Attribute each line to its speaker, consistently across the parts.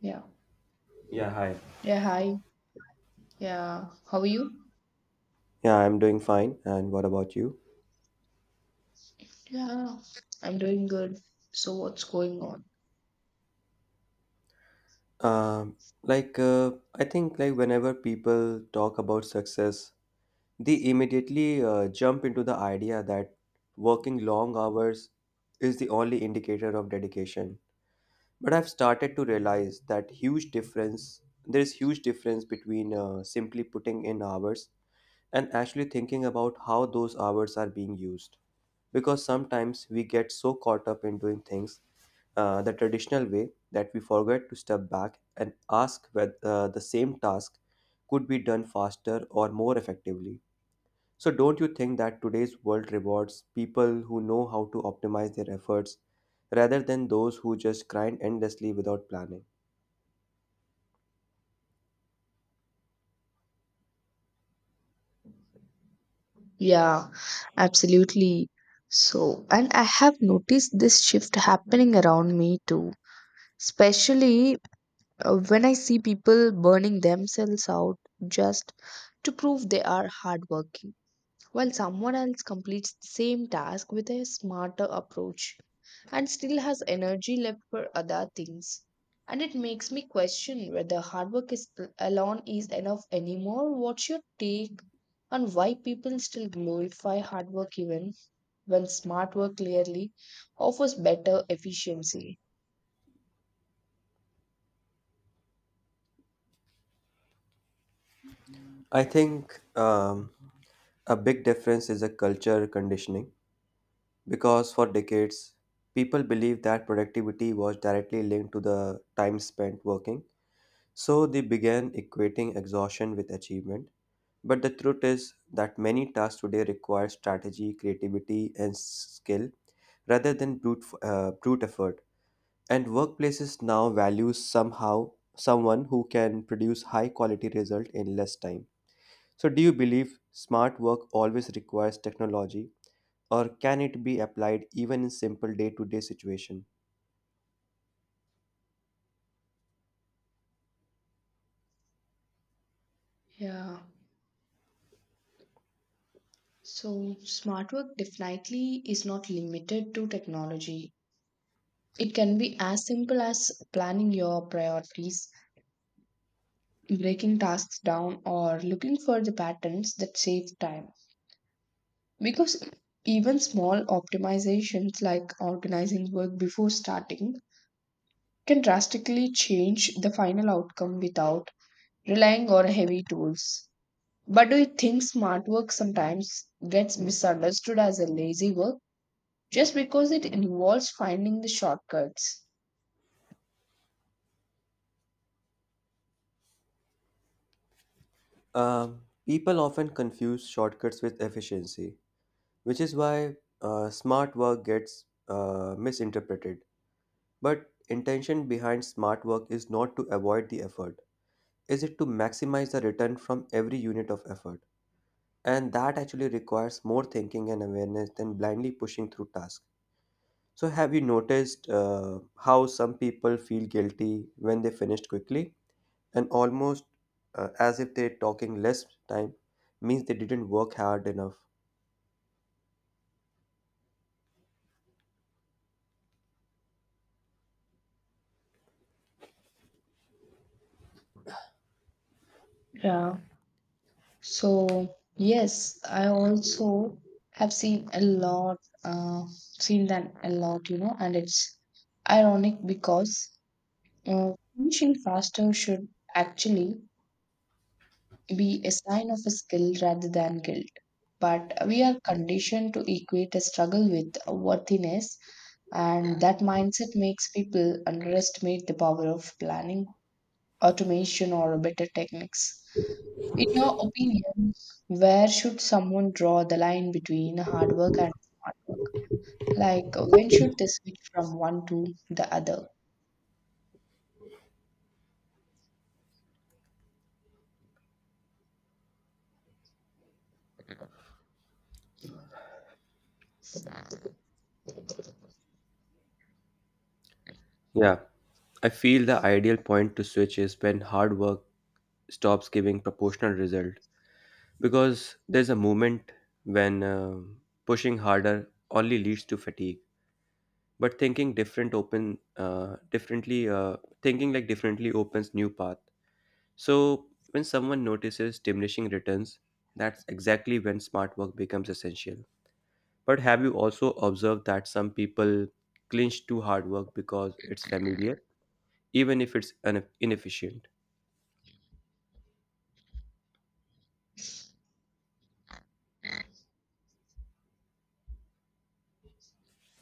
Speaker 1: Yeah.
Speaker 2: Yeah, hi.
Speaker 1: Yeah, hi. Yeah. How are you?
Speaker 2: Yeah, I'm doing fine. And what about you?
Speaker 1: Yeah. I'm doing good. So what's going on?
Speaker 2: Um, I think like whenever people talk about success, they immediately jump into the idea that working long hours is the only indicator of dedication. But I've started to realize that huge difference. There is huge difference between simply putting in hours and actually thinking about how those hours are being used. Because sometimes we get so caught up in doing things the traditional way that we forget to step back and ask whether the same task could be done faster or more effectively. So, don't you think that today's world rewards people who know how to optimize their efforts rather than those who just grind endlessly without planning?
Speaker 1: Yeah, absolutely. So, and I have noticed this shift happening around me too, especially when I see people burning themselves out just to prove they are hardworking. While someone else completes the same task with a smarter approach and still has energy left for other things. And it makes me question whether hard work is alone is enough anymore. What's your take on why people still glorify hard work even when smart work clearly offers better efficiency?
Speaker 2: I think a big difference is a culture conditioning. Because for decades, people believed that productivity was directly linked to the time spent working, so they began equating exhaustion with achievement. But the truth is that many tasks today require strategy, creativity, and skill rather than brute effort. And workplaces now value somehow someone who can produce high quality result in less time. So, do you believe smart work always requires technology or can it be applied even in simple day-to-day situation?
Speaker 1: Yeah. So smart work definitely is not limited to technology. It can be as simple as planning your priorities, breaking tasks down, or looking for the patterns that save time, because even small optimizations like organizing work before starting can drastically change the final outcome without relying on heavy tools. But do you think smart work sometimes gets misunderstood as a lazy work just because it involves finding the shortcuts?
Speaker 2: People often confuse shortcuts with efficiency, which is why smart work gets misinterpreted. But intention behind smart work is not to avoid the effort; is it to maximize the return from every unit of effort? And that actually requires more thinking and awareness than blindly pushing through tasks. So, have you noticed how some people feel guilty when they finished quickly and almost as if they're talking less time means they didn't work hard enough?
Speaker 1: Yeah. So yes, I also have seen a lot, uh, seen that a lot, and it's ironic because finishing faster should actually be a sign of a skill rather than guilt. But we are conditioned to equate a struggle with worthiness, and that mindset makes people underestimate the power of planning, automation, or better techniques. In your opinion, where should someone draw the line between hard work and smart work? Like, when should they switch from one to the other?
Speaker 2: Yeah, I feel the ideal point to switch is when hard work stops giving proportional result because there's a moment when pushing harder only leads to fatigue but thinking like differently opens new path. So, when someone notices diminishing returns, that's exactly when smart work becomes essential. But have you also observed that some people clinch to hard work because it's familiar, even if it's inefficient?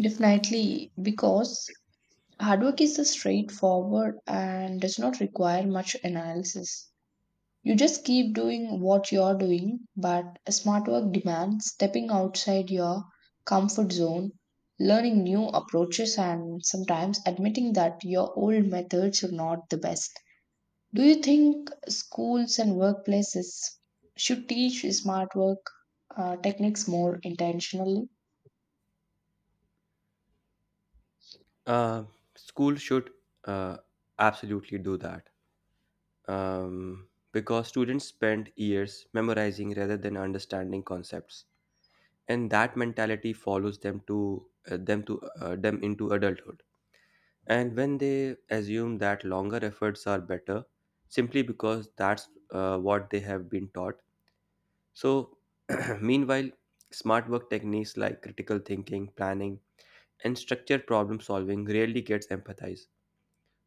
Speaker 1: Definitely, because hard work is the straightforward and does not require much analysis. You just keep doing what you're doing, but smart work demands stepping outside your comfort zone, learning new approaches, and sometimes admitting that your old methods are not the best. Do you think schools and workplaces should teach smart work techniques more intentionally?
Speaker 2: Uh, School should uh, absolutely do that because students spend years memorizing rather than understanding concepts, and that mentality follows them into adulthood. And when they assume that longer efforts are better simply because that's what they have been taught. So, meanwhile, smart work techniques like critical thinking, planning, and structured problem solving rarely gets empathized.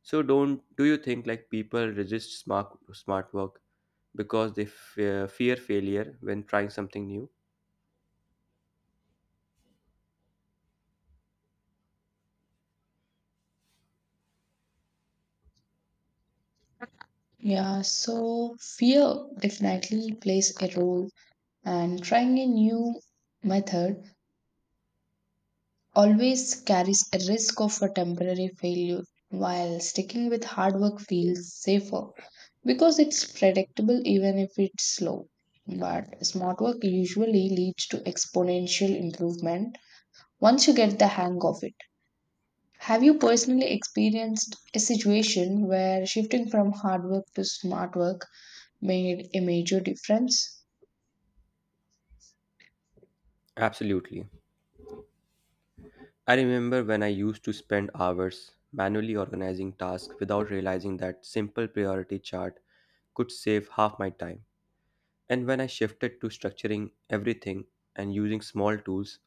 Speaker 2: So, don't do you think like people resist smart work because they fear failure when trying something new?
Speaker 1: Yeah, so fear definitely plays a role, and trying a new method always carries a risk of a temporary failure, while sticking with hard work feels safer because it's predictable even if it's slow. But smart work usually leads to exponential improvement once you get the hang of it. Have you personally experienced a situation where shifting from hard work to smart work made a major difference?
Speaker 2: Absolutely. I remember when I used to spend hours manually organizing tasks without realizing that simple priority chart could save half my time. And when I shifted to structuring everything and using small tools,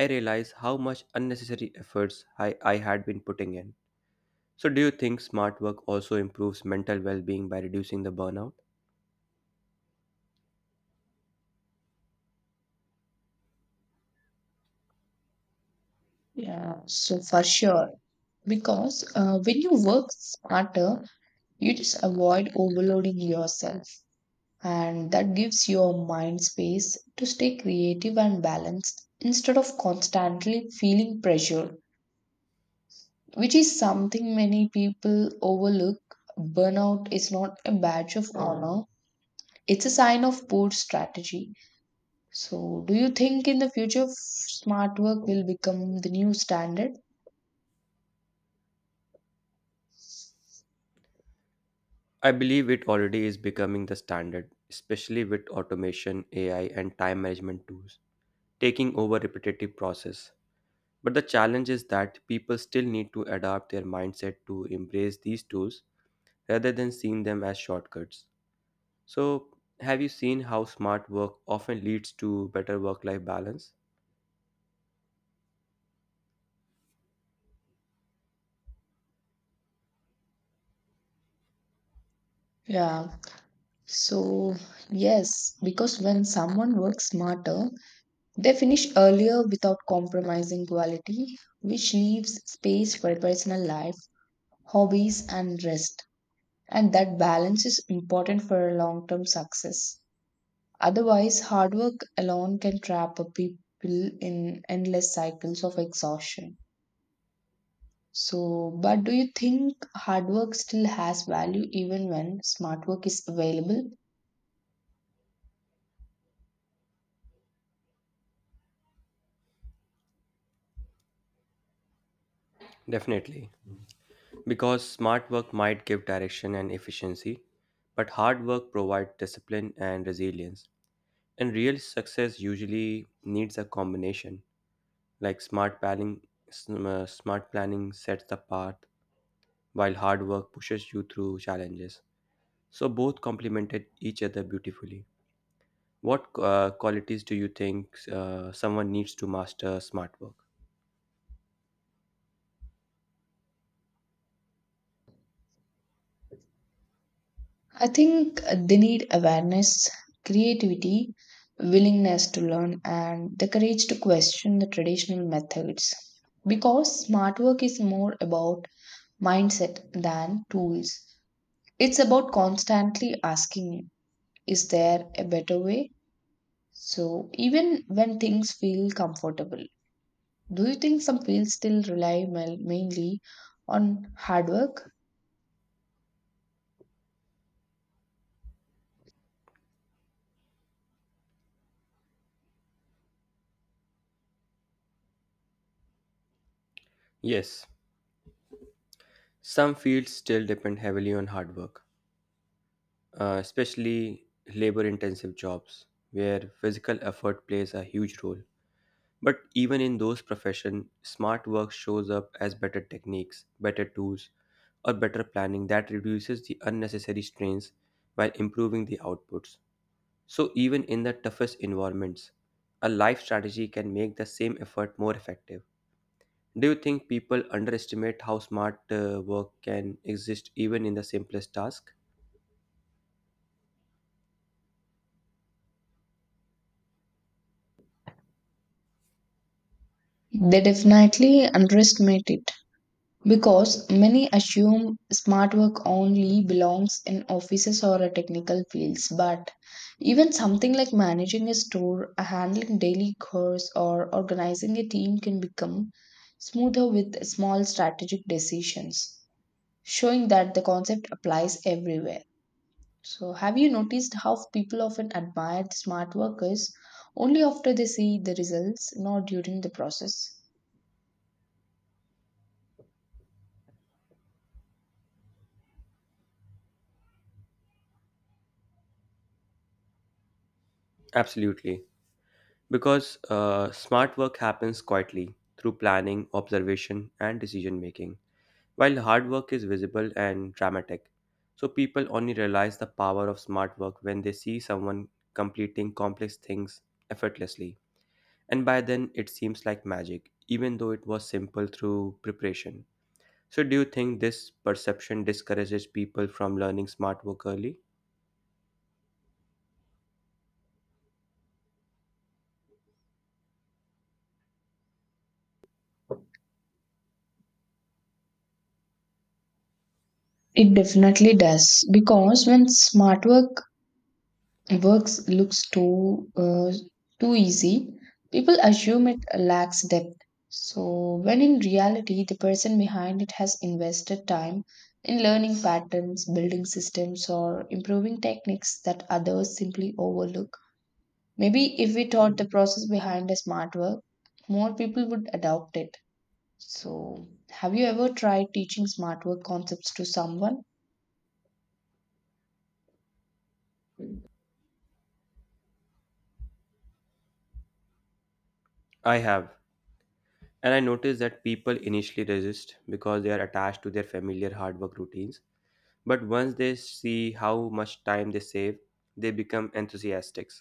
Speaker 2: I realized how much unnecessary efforts I had been putting in. So, do you think smart work also improves mental well being by reducing the burnout?
Speaker 1: Yeah, so for sure. Because when you work smarter, you just avoid overloading yourself. And that gives your mind space to stay creative and balanced instead of constantly feeling pressured, which is something many people overlook. Burnout is not a badge of honor, it's a sign of poor strategy. So, do you think in the future smart work will become the new standard?
Speaker 2: I believe it already is becoming the standard, especially with automation, AI, and time management tools taking over repetitive process. But the challenge is that people still need to adapt their mindset to embrace these tools rather than seeing them as shortcuts. So, have you seen how smart work often leads to better work life balance?
Speaker 1: Yeah, so yes, because when someone works smarter, they finish earlier without compromising quality, which leaves space for personal life, hobbies, and rest. And that balance is important for long term success. Otherwise, hard work alone can trap a people in endless cycles of exhaustion. So, but do you think hard work still has value even when smart work is available?
Speaker 2: Definitely. Because smart work might give direction and efficiency, but hard work provides discipline and resilience. And real success usually needs a combination. Like smart planning, smart planning sets the path, while hard work pushes you through challenges. So both complemented each other beautifully. What qualities do you think someone needs to master smart work?
Speaker 1: I think they need awareness, creativity, willingness to learn, and the courage to question the traditional methods. Because smart work is more about mindset than tools. It's about constantly asking, is there a better way? So even when things feel comfortable, do you think some fields still rely mainly on hard work?
Speaker 2: Yes, some fields still depend heavily on hard work, especially labor intensive jobs where physical effort plays a huge role. But even in those professions, smart work shows up as better techniques, better tools, or better planning that reduces the unnecessary strains while improving the outputs. So, even in the toughest environments, a life strategy can make the same effort more effective. Do you think people underestimate how smart work can exist even in the simplest task?
Speaker 1: They definitely underestimate it because many assume smart work only belongs in offices or a technical fields. But even something like managing a store, handling daily chores, or organizing a team can become smoother with small strategic decisions, showing that the concept applies everywhere. So, have you noticed how people often admire smart workers only after they see the results, not during the process?
Speaker 2: Absolutely. Because smart work happens quietly through planning, observation, and decision making, while hard work is visible and dramatic. So, people only realize the power of smart work when they see someone completing complex things effortlessly. And by then, it seems like magic, even though it was simple through preparation. So, do you think this perception discourages people from learning smart work early?
Speaker 1: It definitely does because when smart work works looks too easy, people assume it lacks depth. So when in reality, the person behind it has invested time in learning patterns, building systems, or improving techniques that others simply overlook. Maybe if we taught the process behind the smart work, more people would adopt it. So, have you ever tried teaching smart work concepts to someone?
Speaker 2: I have. And I noticed that people initially resist because they are attached to their familiar hard work routines. But once they see how much time they save, they become enthusiastic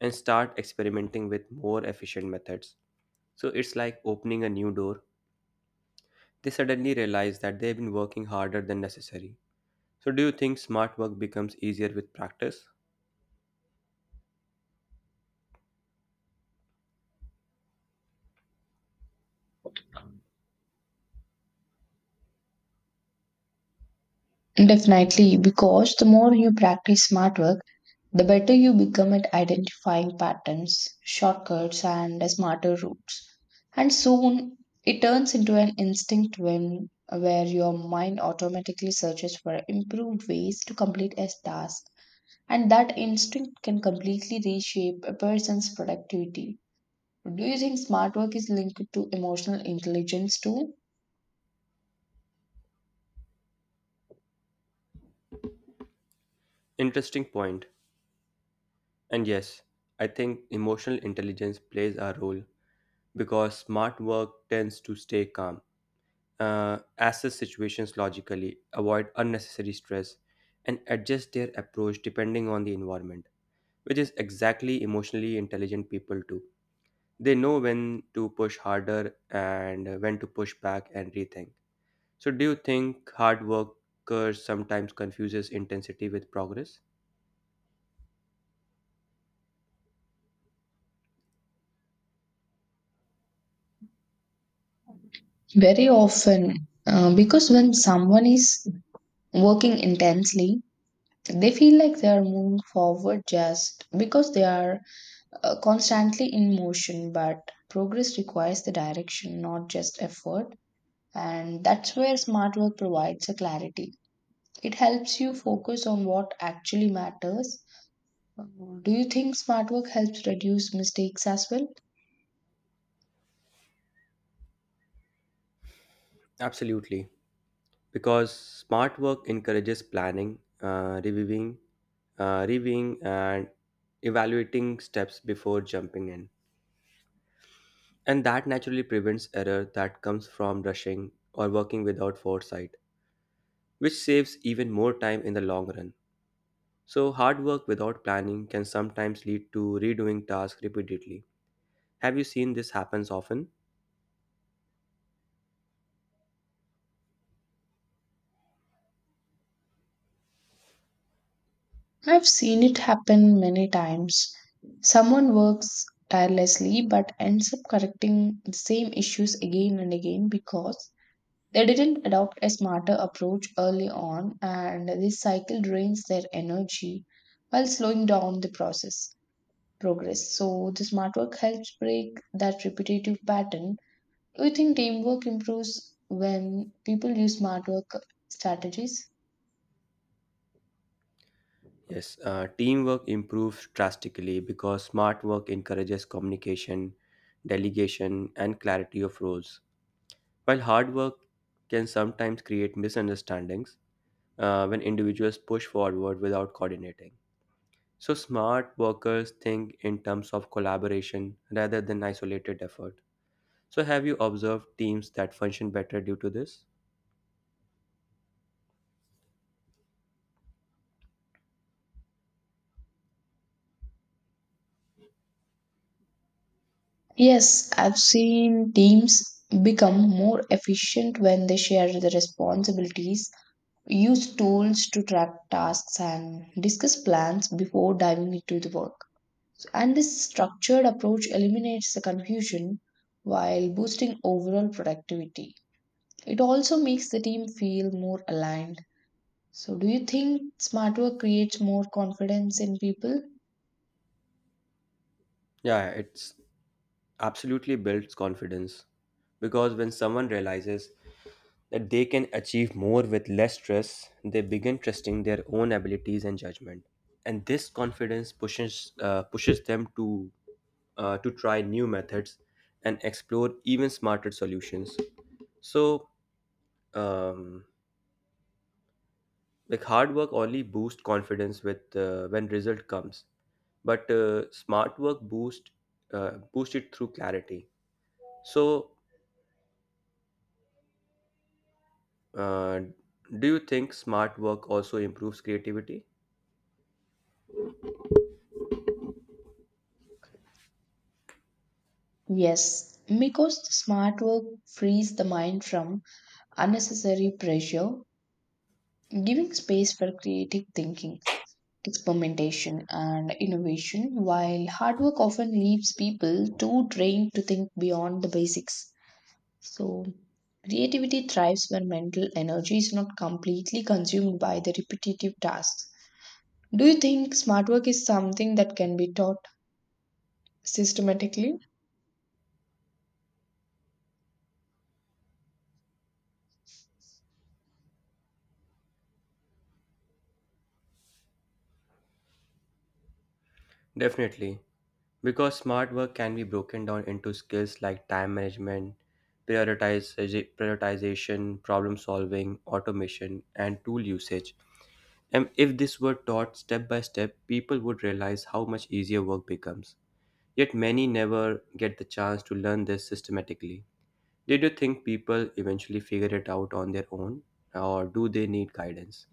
Speaker 2: and start experimenting with more efficient methods. So it's like opening a new door. They suddenly realize that they've been working harder than necessary. So, do you think smart work becomes easier with practice?
Speaker 1: Definitely, because the more you practice smart work, the better you become at identifying patterns, shortcuts, and smarter routes. And soon, it turns into an instinct when where your mind automatically searches for improved ways to complete a task, and that instinct can completely reshape a person's productivity. Do you think smart work is linked to emotional intelligence too?
Speaker 2: Interesting point. And yes, I think emotional intelligence plays a role because smart work tends to stay calm, assess situations logically, avoid unnecessary stress, and adjust their approach depending on the environment, which is exactly emotionally intelligent people do. They know when to push harder and when to push back and rethink. So, do you think hard workers sometimes confuses intensity with progress?
Speaker 1: Very often, because when someone is working intensely, they feel like they are moving forward just because they are constantly in motion, but progress requires the direction, not just effort. And that's where smart work provides a clarity. It helps you focus on what actually matters. Do you think smart work helps reduce mistakes as well?
Speaker 2: Absolutely, because smart work encourages planning, reviewing, and evaluating steps before jumping in, and that naturally prevents error that comes from rushing or working without foresight, which saves even more time in the long run. So, hard work without planning can sometimes lead to redoing tasks repeatedly. Have you seen this happens often?
Speaker 1: I've seen it happen many times. Someone works tirelessly but ends up correcting the same issues again and again because they didn't adopt a smarter approach early on, and this cycle drains their energy while slowing down the process progress. So the smart work helps break that repetitive pattern. Do you think teamwork improves when people use smart work strategies?
Speaker 2: Yes, teamwork improves drastically because smart work encourages communication, delegation, and clarity of roles. While hard work can sometimes create misunderstandings when individuals push forward without coordinating. So, smart workers think in terms of collaboration rather than isolated effort. So, have you observed teams that function better due to this?
Speaker 1: Yes, I've seen teams become more efficient when they share the responsibilities, use tools to track tasks, and discuss plans before diving into the work. And this structured approach eliminates the confusion while boosting overall productivity. It also makes the team feel more aligned. So, do you think smart work creates more confidence in people?
Speaker 2: Yeah, it's absolutely builds confidence because when someone realizes that they can achieve more with less stress, they begin trusting their own abilities and judgment. And this confidence pushes them to try new methods and explore even smarter solutions. So, um, like hard work only boosts confidence with when result comes, but smart work boost it through clarity. So, uh, do you think smart work also improves creativity?
Speaker 1: Yes, because smart work frees the mind from unnecessary pressure, giving space for creative thinking, experimentation, and innovation, while hard work often leaves people too drained to think beyond the basics. So, creativity thrives when mental energy is not completely consumed by the repetitive tasks. Do you think smart work is something that can be taught systematically?
Speaker 2: Definitely, because smart work can be broken down into skills like time management, prioritization, problem solving, automation, and tool usage. And if this were taught step by step, people would realize how much easier work becomes. Yet many never get the chance to learn this systematically. Did you think people eventually figure it out on their own, or do they need guidance?